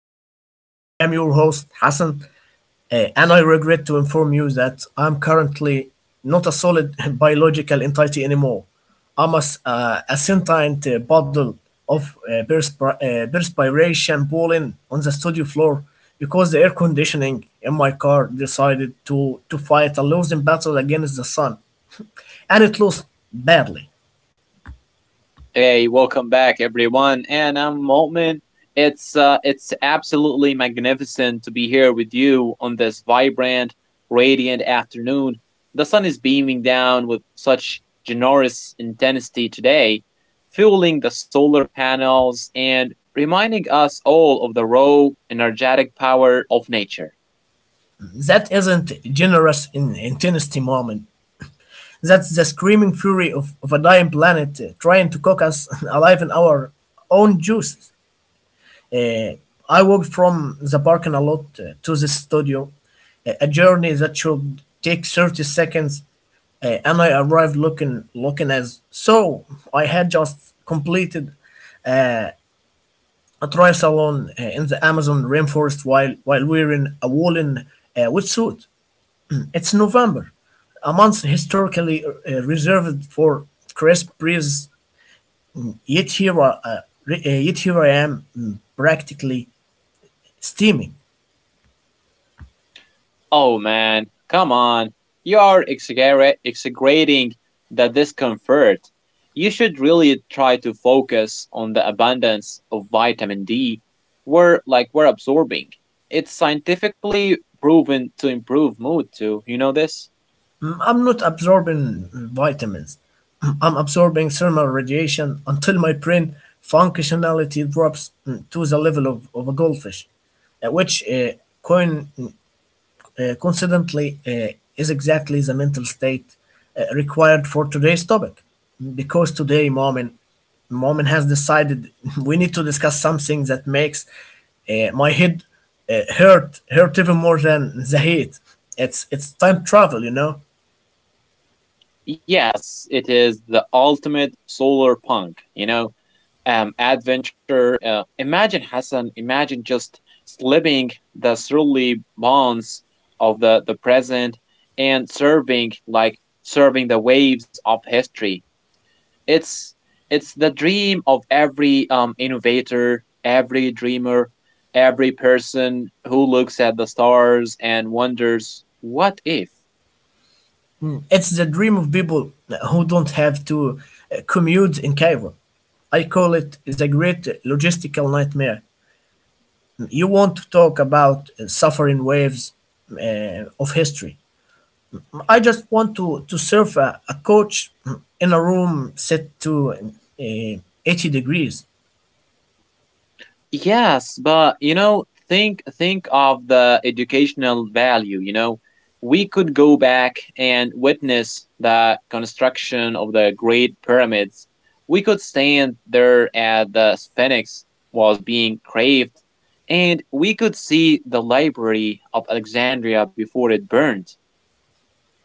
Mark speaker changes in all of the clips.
Speaker 1: Ground. I am your host, Hassan, and I regret to inform you that I'm currently not a solid biological entity anymore. I'm a sentient bottle of perspiration boiling on the studio floor because the air conditioning in my car decided to fight a losing battle against the sun and it lost badly.
Speaker 2: Hey, welcome back, everyone. And I'm Mo'min. It's absolutely magnificent to be here with you on this vibrant, radiant afternoon. The sun is beaming down with such generous intensity today, fueling the solar panels and reminding us all of the raw, energetic power of nature.
Speaker 1: That isn't generous in intensity moment. That's the screaming fury of a dying planet trying to cook us alive in our own juices. Uh, I walked from the parking lot to the studio, a journey that should take 30 seconds, and I arrived looking as so I had just completed uh, a triathlon in the Amazon rainforest while wearing a woolen wetsuit. It's November, a month historically reserved for crisp breeze. Yet here I am practically steaming.
Speaker 2: Oh man, come on. You are exaggerating the discomfort. You should really try to focus on the abundance of vitamin D we're absorbing. It's scientifically proven to improve mood too. You know this?
Speaker 1: I'm not absorbing vitamins. I'm absorbing thermal radiation until my brain functionality drops to the level of a goldfish, uh, which uh, coin, mm, coincidentally, is exactly the mental state required for today's topic. Because today, Momin has decided we need to discuss something that makes my head hurt even more than the heat. It's time travel.
Speaker 2: Yes, it is the ultimate solar punk adventure. Imagine Hassan. Imagine just slipping the surly bonds of the present and serving the waves of history. It's it's the dream of every innovator, every dreamer, every person who looks at the stars and wonders, what if?
Speaker 1: It's the dream of people who don't have to commute in Cairo. I call it the great logistical nightmare. You want to talk about suffering waves of history. I just want to serve a coach in a room set to uh, 80 degrees.
Speaker 2: Yes, but think of the educational value. We could go back and witness the construction of the Great Pyramids. We could stand there at the Sphinx was being craved, and we could see the Library of Alexandria before it burned.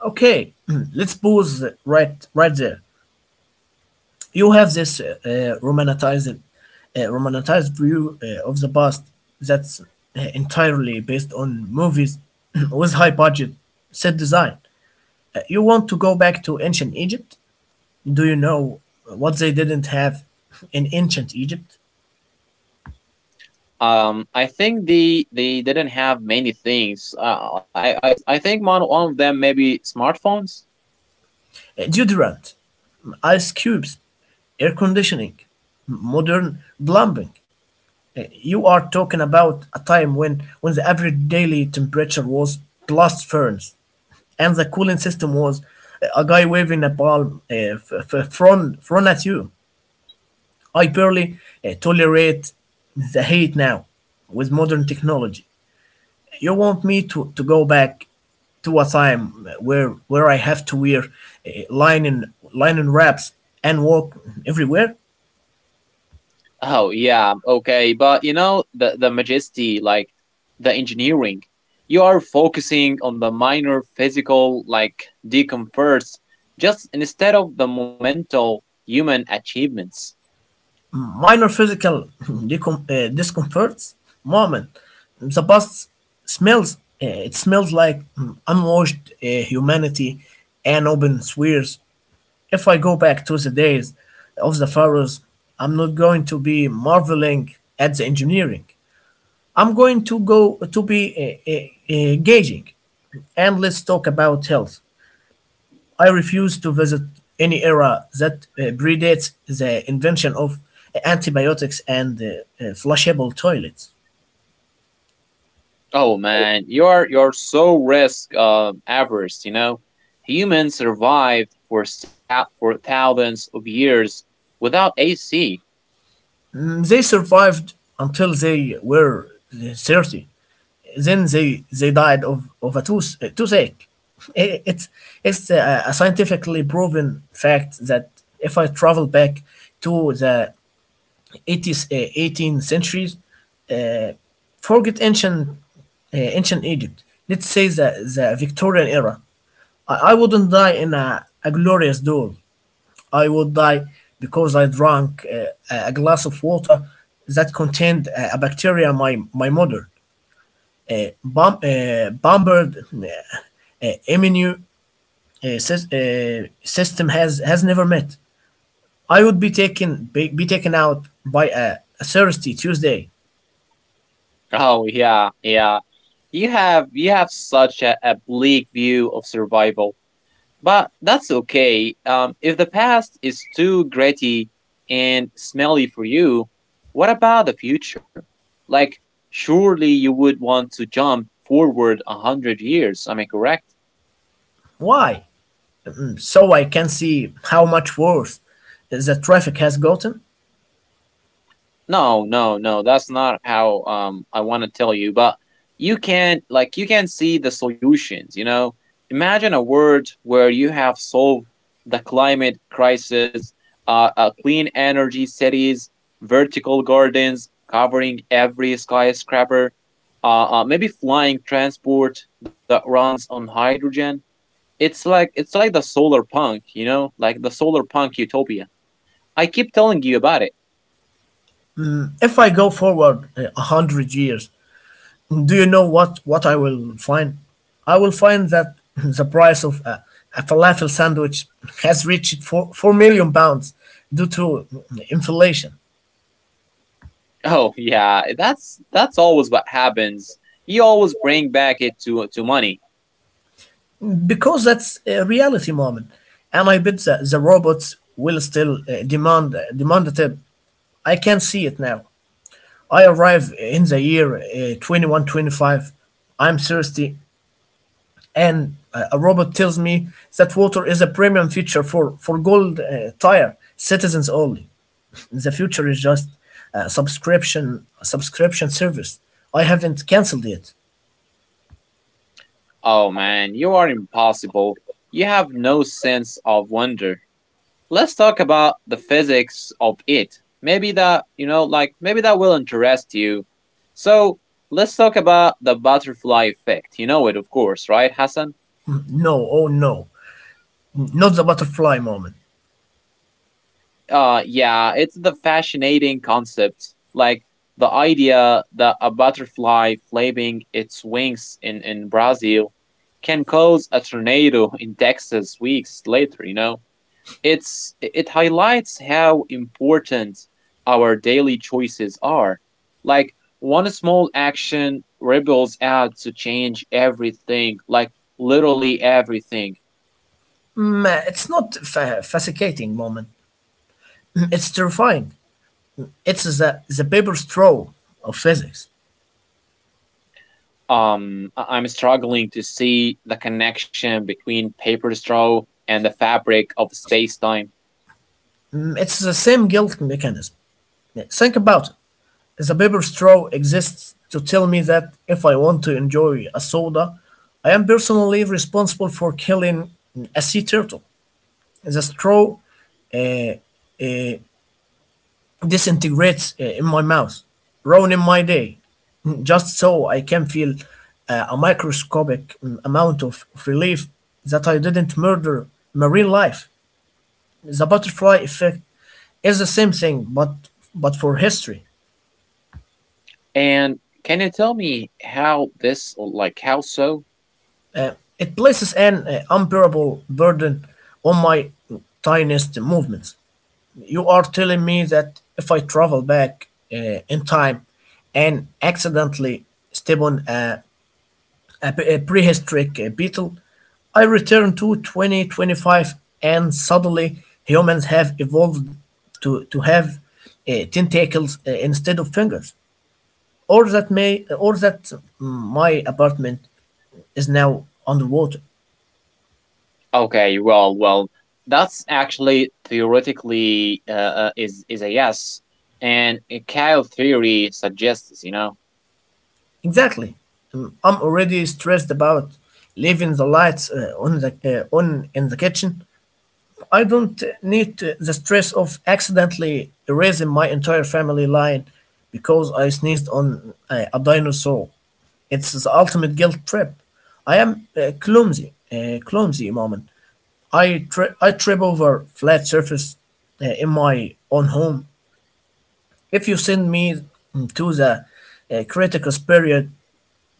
Speaker 1: Okay, let's pause right there. You have this romanticized view of the past that's entirely based on movies with high budget set design. You want to go back to ancient Egypt? Do you know what they didn't have in ancient Egypt?
Speaker 2: I think they didn't have many things. I think one of them maybe smartphones.
Speaker 1: Deodorant, ice cubes, air conditioning, modern plumbing. You are talking about a time when the average daily temperature was plus ferns, and the cooling system was a guy waving a palm front at you. I barely tolerate the heat now with modern technology. You want me to go back to a time where I have to wear linen wraps and walk everywhere?
Speaker 2: Oh yeah, okay, but you know the majesty, like the engineering, you are focusing on the minor physical like discomforts, just instead of the momental human achievements.
Speaker 1: Minor physical discomforts. Moment, the bus smells. It smells like unwashed humanity and open swears. If I go back to the days of the pharaohs, I'm not going to be marveling at the engineering. I'm going to go to be gauging, and let's talk about health. I refuse to visit any era that predates the invention of antibiotics and flushable toilets.
Speaker 2: Oh man, you're so risk averse. You know, humans survived for for thousands of years without AC.
Speaker 1: They survived until they were 30. Then they died of a toothache. It's, it's a scientifically proven fact that if I travel back to the 18th centuries. Uh, Forget ancient Egypt. Let's say the Victorian era. I wouldn't die in a glorious duel. I would die because I drank a glass of water that contained a bacteria my mother uh, bombered immune uh, sys- uh, system has never met. I would be taken out by a thirsty Tuesday.
Speaker 2: Oh yeah, yeah. You have such a bleak view of survival. But that's okay. If the past is too gritty and smelly for you, what about the future? Like, surely you would want to jump forward 100 years. Am I correct?
Speaker 1: Why? So I can see how much worse the traffic has gotten.
Speaker 2: No, no, no. That's not how I want to tell you, but you can see the solutions. Imagine a world where you have solved the climate crisis, clean energy cities, vertical gardens covering every skyscraper, maybe flying transport that runs on hydrogen. It's like the solar punk, like the solar punk utopia. I keep telling you about it.
Speaker 1: If I go forward a hundred years, do you know what I will find? I will find that the price of a falafel sandwich has reached four million pounds due to inflation,
Speaker 2: Oh yeah, that's always what happens. You always bring back it to money.
Speaker 1: because that's a reality moment, and I bet the robots will still demand demand it? Tip. I can see it now. I arrive in the year 2125. I'm thirsty, and a robot tells me that water is a premium feature for gold tire citizens only. The future is just a subscription service. I haven't cancelled it.
Speaker 2: Oh man, you are impossible. You have no sense of wonder. Let's talk about the physics of it. Maybe that, you know, like maybe that will interest you. So, let's talk about the butterfly effect. You know it, of course, right, Hassan?
Speaker 1: No, oh no, not the butterfly moment.
Speaker 2: Yeah, it's the fascinating concept. Like the idea that a butterfly flapping its wings in Brazil can cause a tornado in Texas weeks later, you know? It highlights how important our daily choices are. Like one small action ripples out to change everything, like literally everything.
Speaker 1: It's not fascinating moment. It's terrifying. It's the paper straw of physics.
Speaker 2: I'm struggling to see the connection between paper straw and the fabric of space time.
Speaker 1: It's the same guilt mechanism. Think about it. The paper straw exists to tell me that if I want to enjoy a soda, I am personally responsible for killing a sea turtle. The straw uh, uh, disintegrates in my mouth, ruining my day, just so I can feel a microscopic amount of relief that I didn't murder marine life. The butterfly effect is the same thing, but for history.
Speaker 2: And can you tell me how this, like, how so?
Speaker 1: It places an unbearable burden on my tiniest movements. You are telling me that if I travel back in time and accidentally step on a prehistoric beetle, I return to 2025 and suddenly humans have evolved to have tentacles instead of fingers, or that may, or that mm, my apartment is now underwater.
Speaker 2: Okay, well, that's actually theoretically is a yes, and Kao theory suggests.
Speaker 1: Exactly. I'm already stressed about leaving the lights on in the kitchen. I don't need the stress of accidentally erasing my entire family line because I sneezed on a dinosaur. It's the ultimate guilt trip. I am clumsy moment. I trip over flat surface in my own home. If you send me to the critical period,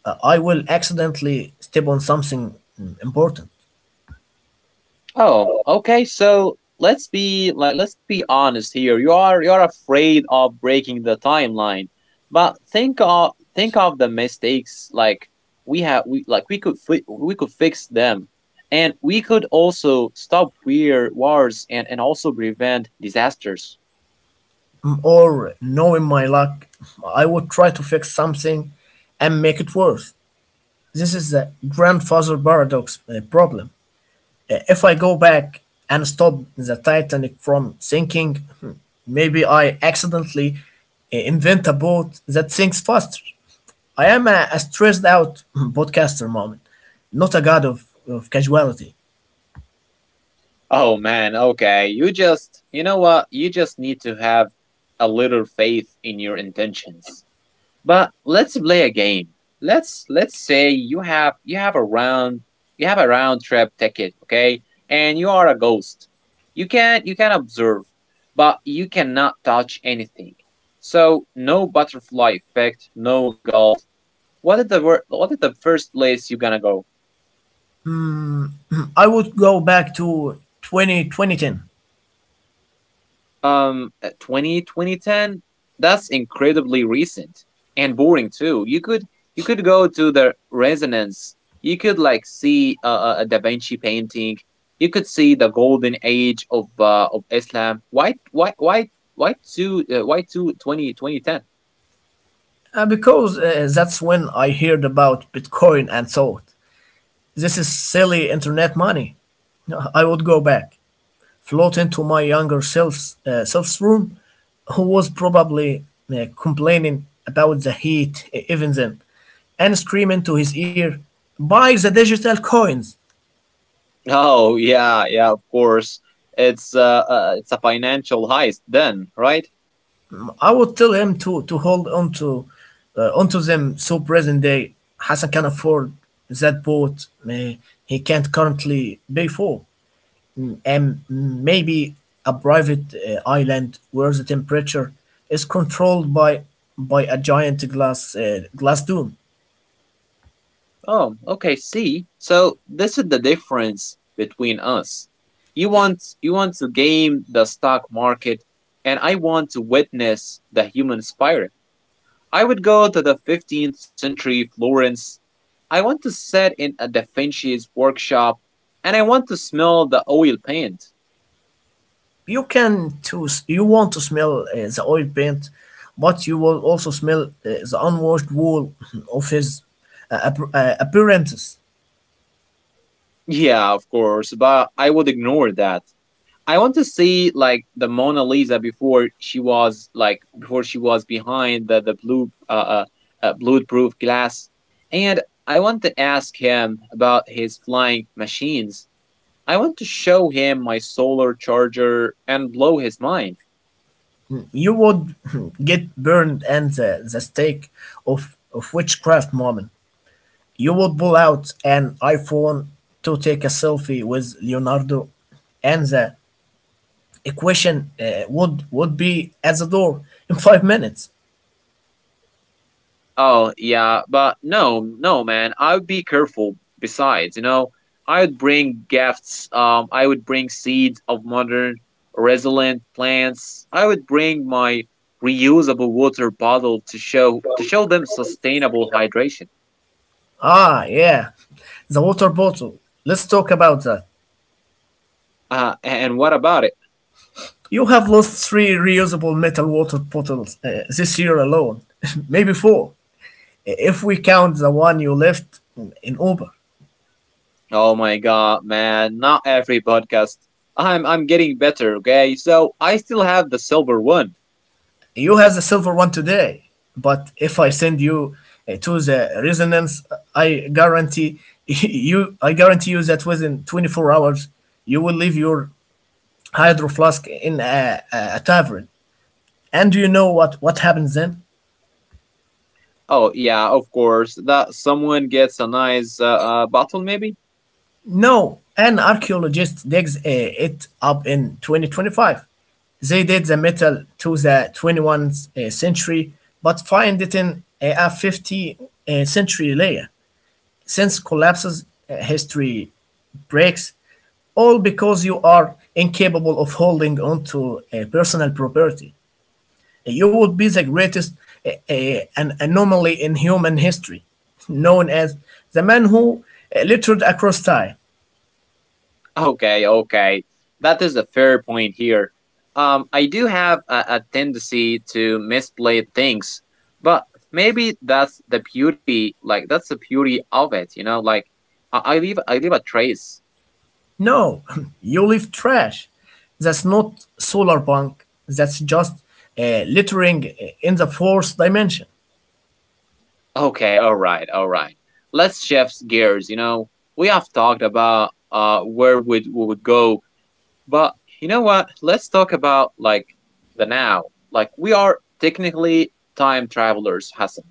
Speaker 1: I will accidentally step on something important.
Speaker 2: Oh, okay, so let's be honest here. You are afraid of breaking the timeline, but think of the mistakes like we have we like we could fi- we could fix them, and we could also stop weird wars and also prevent disasters.
Speaker 1: Or, knowing my luck, I would try to fix something and make it worse. This is the grandfather paradox problem. If I go back and stop the Titanic from sinking, hmm, maybe I accidentally invent a boat that sinks faster. I am a stressed out podcaster moment, not a god of casuality.
Speaker 2: Oh man, okay. You just, you know what? You just need to have a little faith in your intentions. But let's play a game. Let's say you have a round trip ticket, okay? And you are a ghost. You can observe, but you cannot touch anything. So no butterfly effect, no gold. What is the first place you gonna go?
Speaker 1: I would go back to 20 2010.
Speaker 2: um 20 2010, that's incredibly recent and boring too. You could go to the resonance. You could like see a Da Vinci painting. You could see the golden age of Islam. Why why two 20 2010?
Speaker 1: Because that's when I heard about Bitcoin and thought, this is silly internet money. No, I would go back, float into my younger self's room, who was probably complaining about the heat even then, and scream into his ear, buy the digital coins.
Speaker 2: Oh yeah, yeah, of course. It's a financial heist then, right?
Speaker 1: I would tell him to hold onto them so present day Hassan can afford that boat he can't currently pay for. And maybe a private island where the temperature is controlled by a giant glass dome.
Speaker 2: Oh, okay, see. So this is the difference between us. You want to game the stock market, and I want to witness the human spirit. I would go to the 15th century Florence. I want to sit in a Da Vinci's workshop and I want to smell the oil paint.
Speaker 1: You want to smell the oil paint, but you will also smell the unwashed wool of his appearances.
Speaker 2: Yeah, of course, but I would ignore that. I want to see like the Mona Lisa before she was like before she was behind the blue bulletproof glass, and I want to ask him about his flying machines. I want to show him my solar charger and blow his mind.
Speaker 1: You would get burned and the stake of witchcraft moment. You would pull out an iPhone to take a selfie with Leonardo, and the equation would be at the door in 5 minutes.
Speaker 2: Oh, yeah, but no, no, man. I would be careful. Besides, I would bring gifts. I would bring seeds of modern, resilient plants. I would bring my reusable water bottle to show them sustainable hydration.
Speaker 1: Ah, yeah, the water bottle. Let's talk about that.
Speaker 2: And what about it?
Speaker 1: You have lost three reusable metal water bottles this year alone, maybe four, if we count the one you left in Uber.
Speaker 2: Oh my god, man, not every podcast. I'm getting better, okay? So I still have the silver one.
Speaker 1: You have the silver one today, but if I send you to the resonance, I guarantee you, I guarantee you that within 24 hours you will leave your Hydro Flask in a tavern. And do you know what happens then?
Speaker 2: Oh yeah, of course. That someone gets a nice bottle maybe?
Speaker 1: No. An archaeologist digs it up in 2025. They date the metal to the 21st century, but find it in a 50th century layer. Since collapses, history breaks, all because you are incapable of holding on to a personal property. You would be the greatest an anomaly in human history, known as the man who littered across time.
Speaker 2: Okay, okay. That is a fair point here. I do have a tendency to misplay things, but maybe that's the beauty, like that's the beauty of it, like I leave a trace.
Speaker 1: No, you leave trash. That's not solar punk. That's just littering in the fourth dimension.
Speaker 2: Okay, all right, all right. Let's shift gears. We have talked about where would we would go, but you know what? Let's talk about like the now. Like we are technically time travelers, Hassan.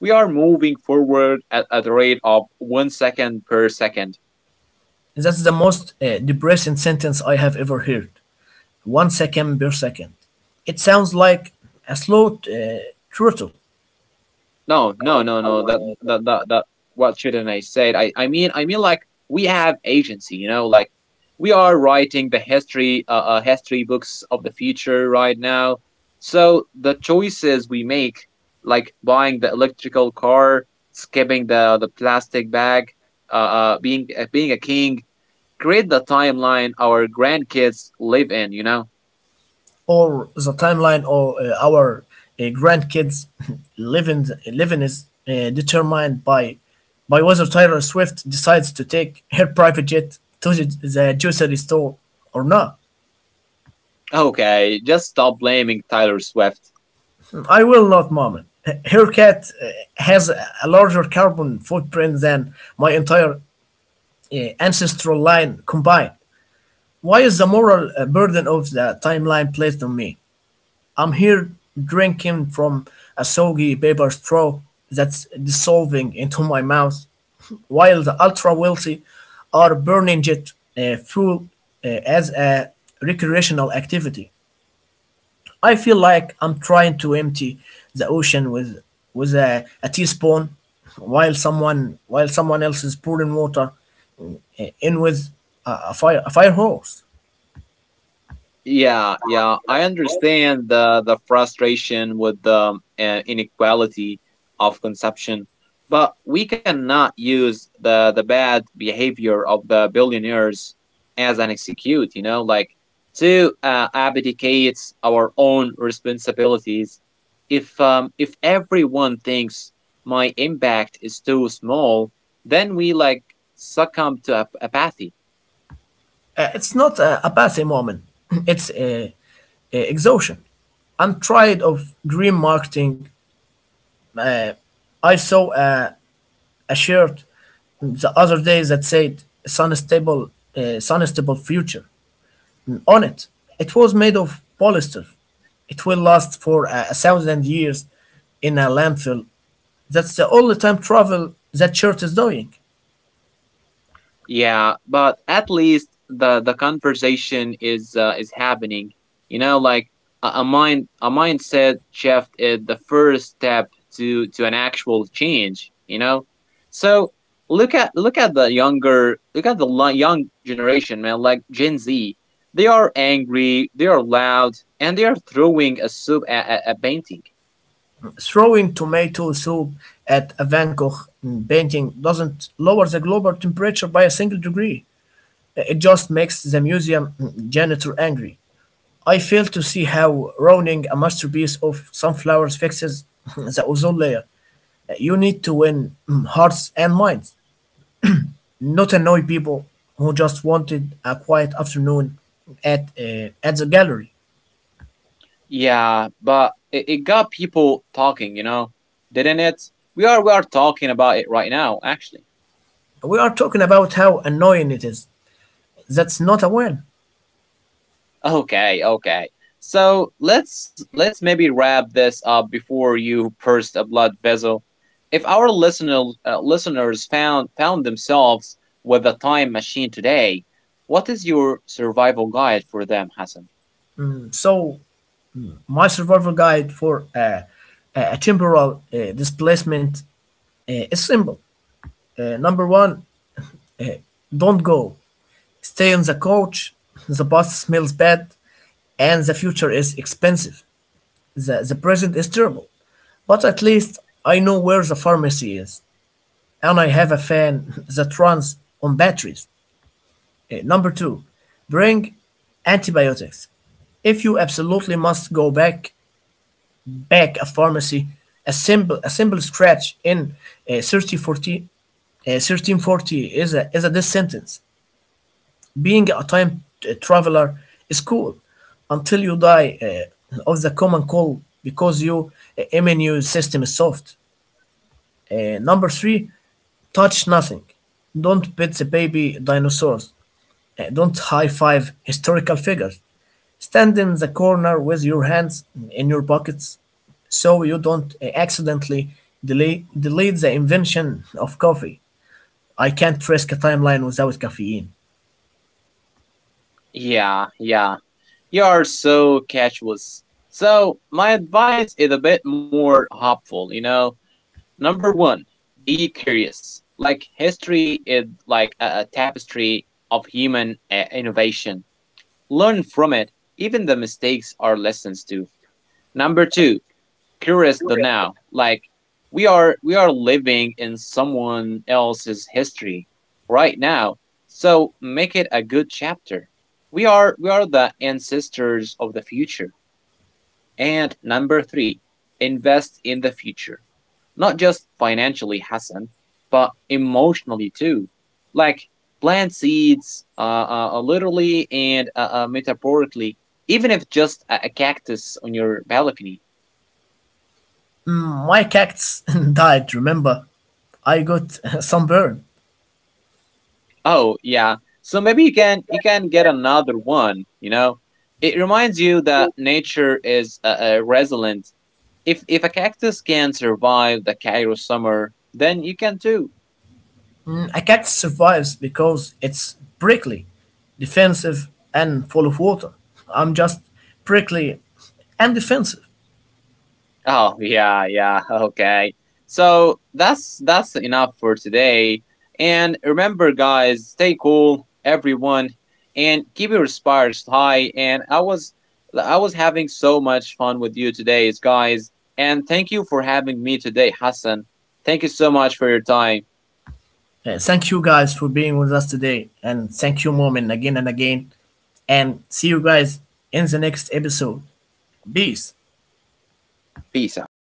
Speaker 2: We are moving forward at the rate of 1 second per second.
Speaker 1: That's the most depressing sentence I have ever heard. 1 second per second. It sounds like a slow turtle.
Speaker 2: No, no, no, no. That. What shouldn't I say? I mean like we have agency. You know, like we are writing the history books of the future right now. So the choices we make, like buying the electrical car, skipping the plastic bag, being a king, create the timeline our grandkids live in.
Speaker 1: Or the timeline of our grandkids living is determined by whether Taylor Swift decides to take her private jet to the grocery store or not.
Speaker 2: Okay, just stop blaming Tyler Swift.
Speaker 1: I will not, Mom. Her cat has a larger carbon footprint than my entire ancestral line combined. Why is the moral burden of the timeline placed on me? I'm here drinking from a soggy paper straw that's dissolving into my mouth, while the ultra wealthy are burning jet fuel as a recreational activity. I feel like I'm trying to empty the ocean with a teaspoon, while someone else is pouring water in with a fire hose.
Speaker 2: Yeah, yeah, I understand the frustration with the inequality of consumption, but we cannot use the bad behavior of the billionaires as an excuse, to abdicate our own responsibilities. If everyone thinks my impact is too small, then we like succumb to apathy.
Speaker 1: It's not a passing moment. It's a exhaustion. I'm tired of dream marketing. Uh, I saw a shirt the other day that said Sunstable Future" on it. It was made of polyester. It will last for a thousand years in a landfill. That's the only time travel that shirt is doing.
Speaker 2: Yeah, but at least the conversation is happening. You know, like a mindset shift is the first step to an actual change. You know, so look at the younger look at the li- young generation, man. Like Gen Z, they are angry, they are loud, and they are throwing a soup at a painting.
Speaker 1: Throwing tomato soup at a Van Gogh painting doesn't lower the global temperature by a single degree. It just makes the museum janitor angry. I fail to see how ruining a masterpiece of sunflowers fixes the ozone layer. You need to win hearts and minds, not annoy people who just wanted a quiet afternoon at the gallery.
Speaker 2: Yeah, but it got people talking, you know, didn't it? We are talking about it right now, actually.
Speaker 1: We are talking about how annoying it is. That's not a win.
Speaker 2: Okay, okay. So let's maybe wrap this up before you burst a blood vessel. If our listeners found themselves with a time machine today, what is your survival guide for them, Hassan?
Speaker 1: So my survival guide for a temporal displacement is simple. Number one, don't go. Stay on the couch. The past smells bad, and the future is expensive. The present is terrible. But at least I know where the pharmacy is, and I have a fan that runs on batteries. Number two, bring antibiotics. If you absolutely must go back, back a pharmacy, a simple scratch in 1340, 1340 is a this sentence. Being a time traveler is cool until you die of the common cold because your immune system is soft. Number three, touch nothing. Don't pet the baby dinosaurs. Don't high five historical figures. Stand in the corner with your hands in your pockets so you don't accidentally delete the invention of coffee. I can't risk a timeline without caffeine.
Speaker 2: Yeah, yeah. You are so casuous. So, my advice is a bit more hopeful. Number one, be curious. Like, history is like a tapestry of human innovation. Learn from it. Even the mistakes are lessons too. Number two, curious the now. Like we are living in someone else's history right now. So make it a good chapter. We are the ancestors of the future. And number three, invest in the future. Not just financially, Hassan, but emotionally too. Like plant seeds, literally and metaphorically, even if just a cactus on your balcony.
Speaker 1: My cactus died, remember? I got sunburn.
Speaker 2: Oh, yeah. So maybe you can get another one, you know? It reminds you that nature is resilient. If a cactus can survive the Cairo summer, then you can too.
Speaker 1: A cactus survives because it's prickly, defensive, and full of water. I'm just prickly and defensive.
Speaker 2: Oh yeah, yeah. Okay. So that's enough for today. And remember guys, stay cool, everyone, and keep your spirits high. And I was having so much fun with you today, guys. And thank you for having me today, Hassan. Thank you so much for your time.
Speaker 1: Thank you guys for being with us today, and thank you, Moment, again and again. And see you guys in the next episode. Peace.
Speaker 2: Peace out.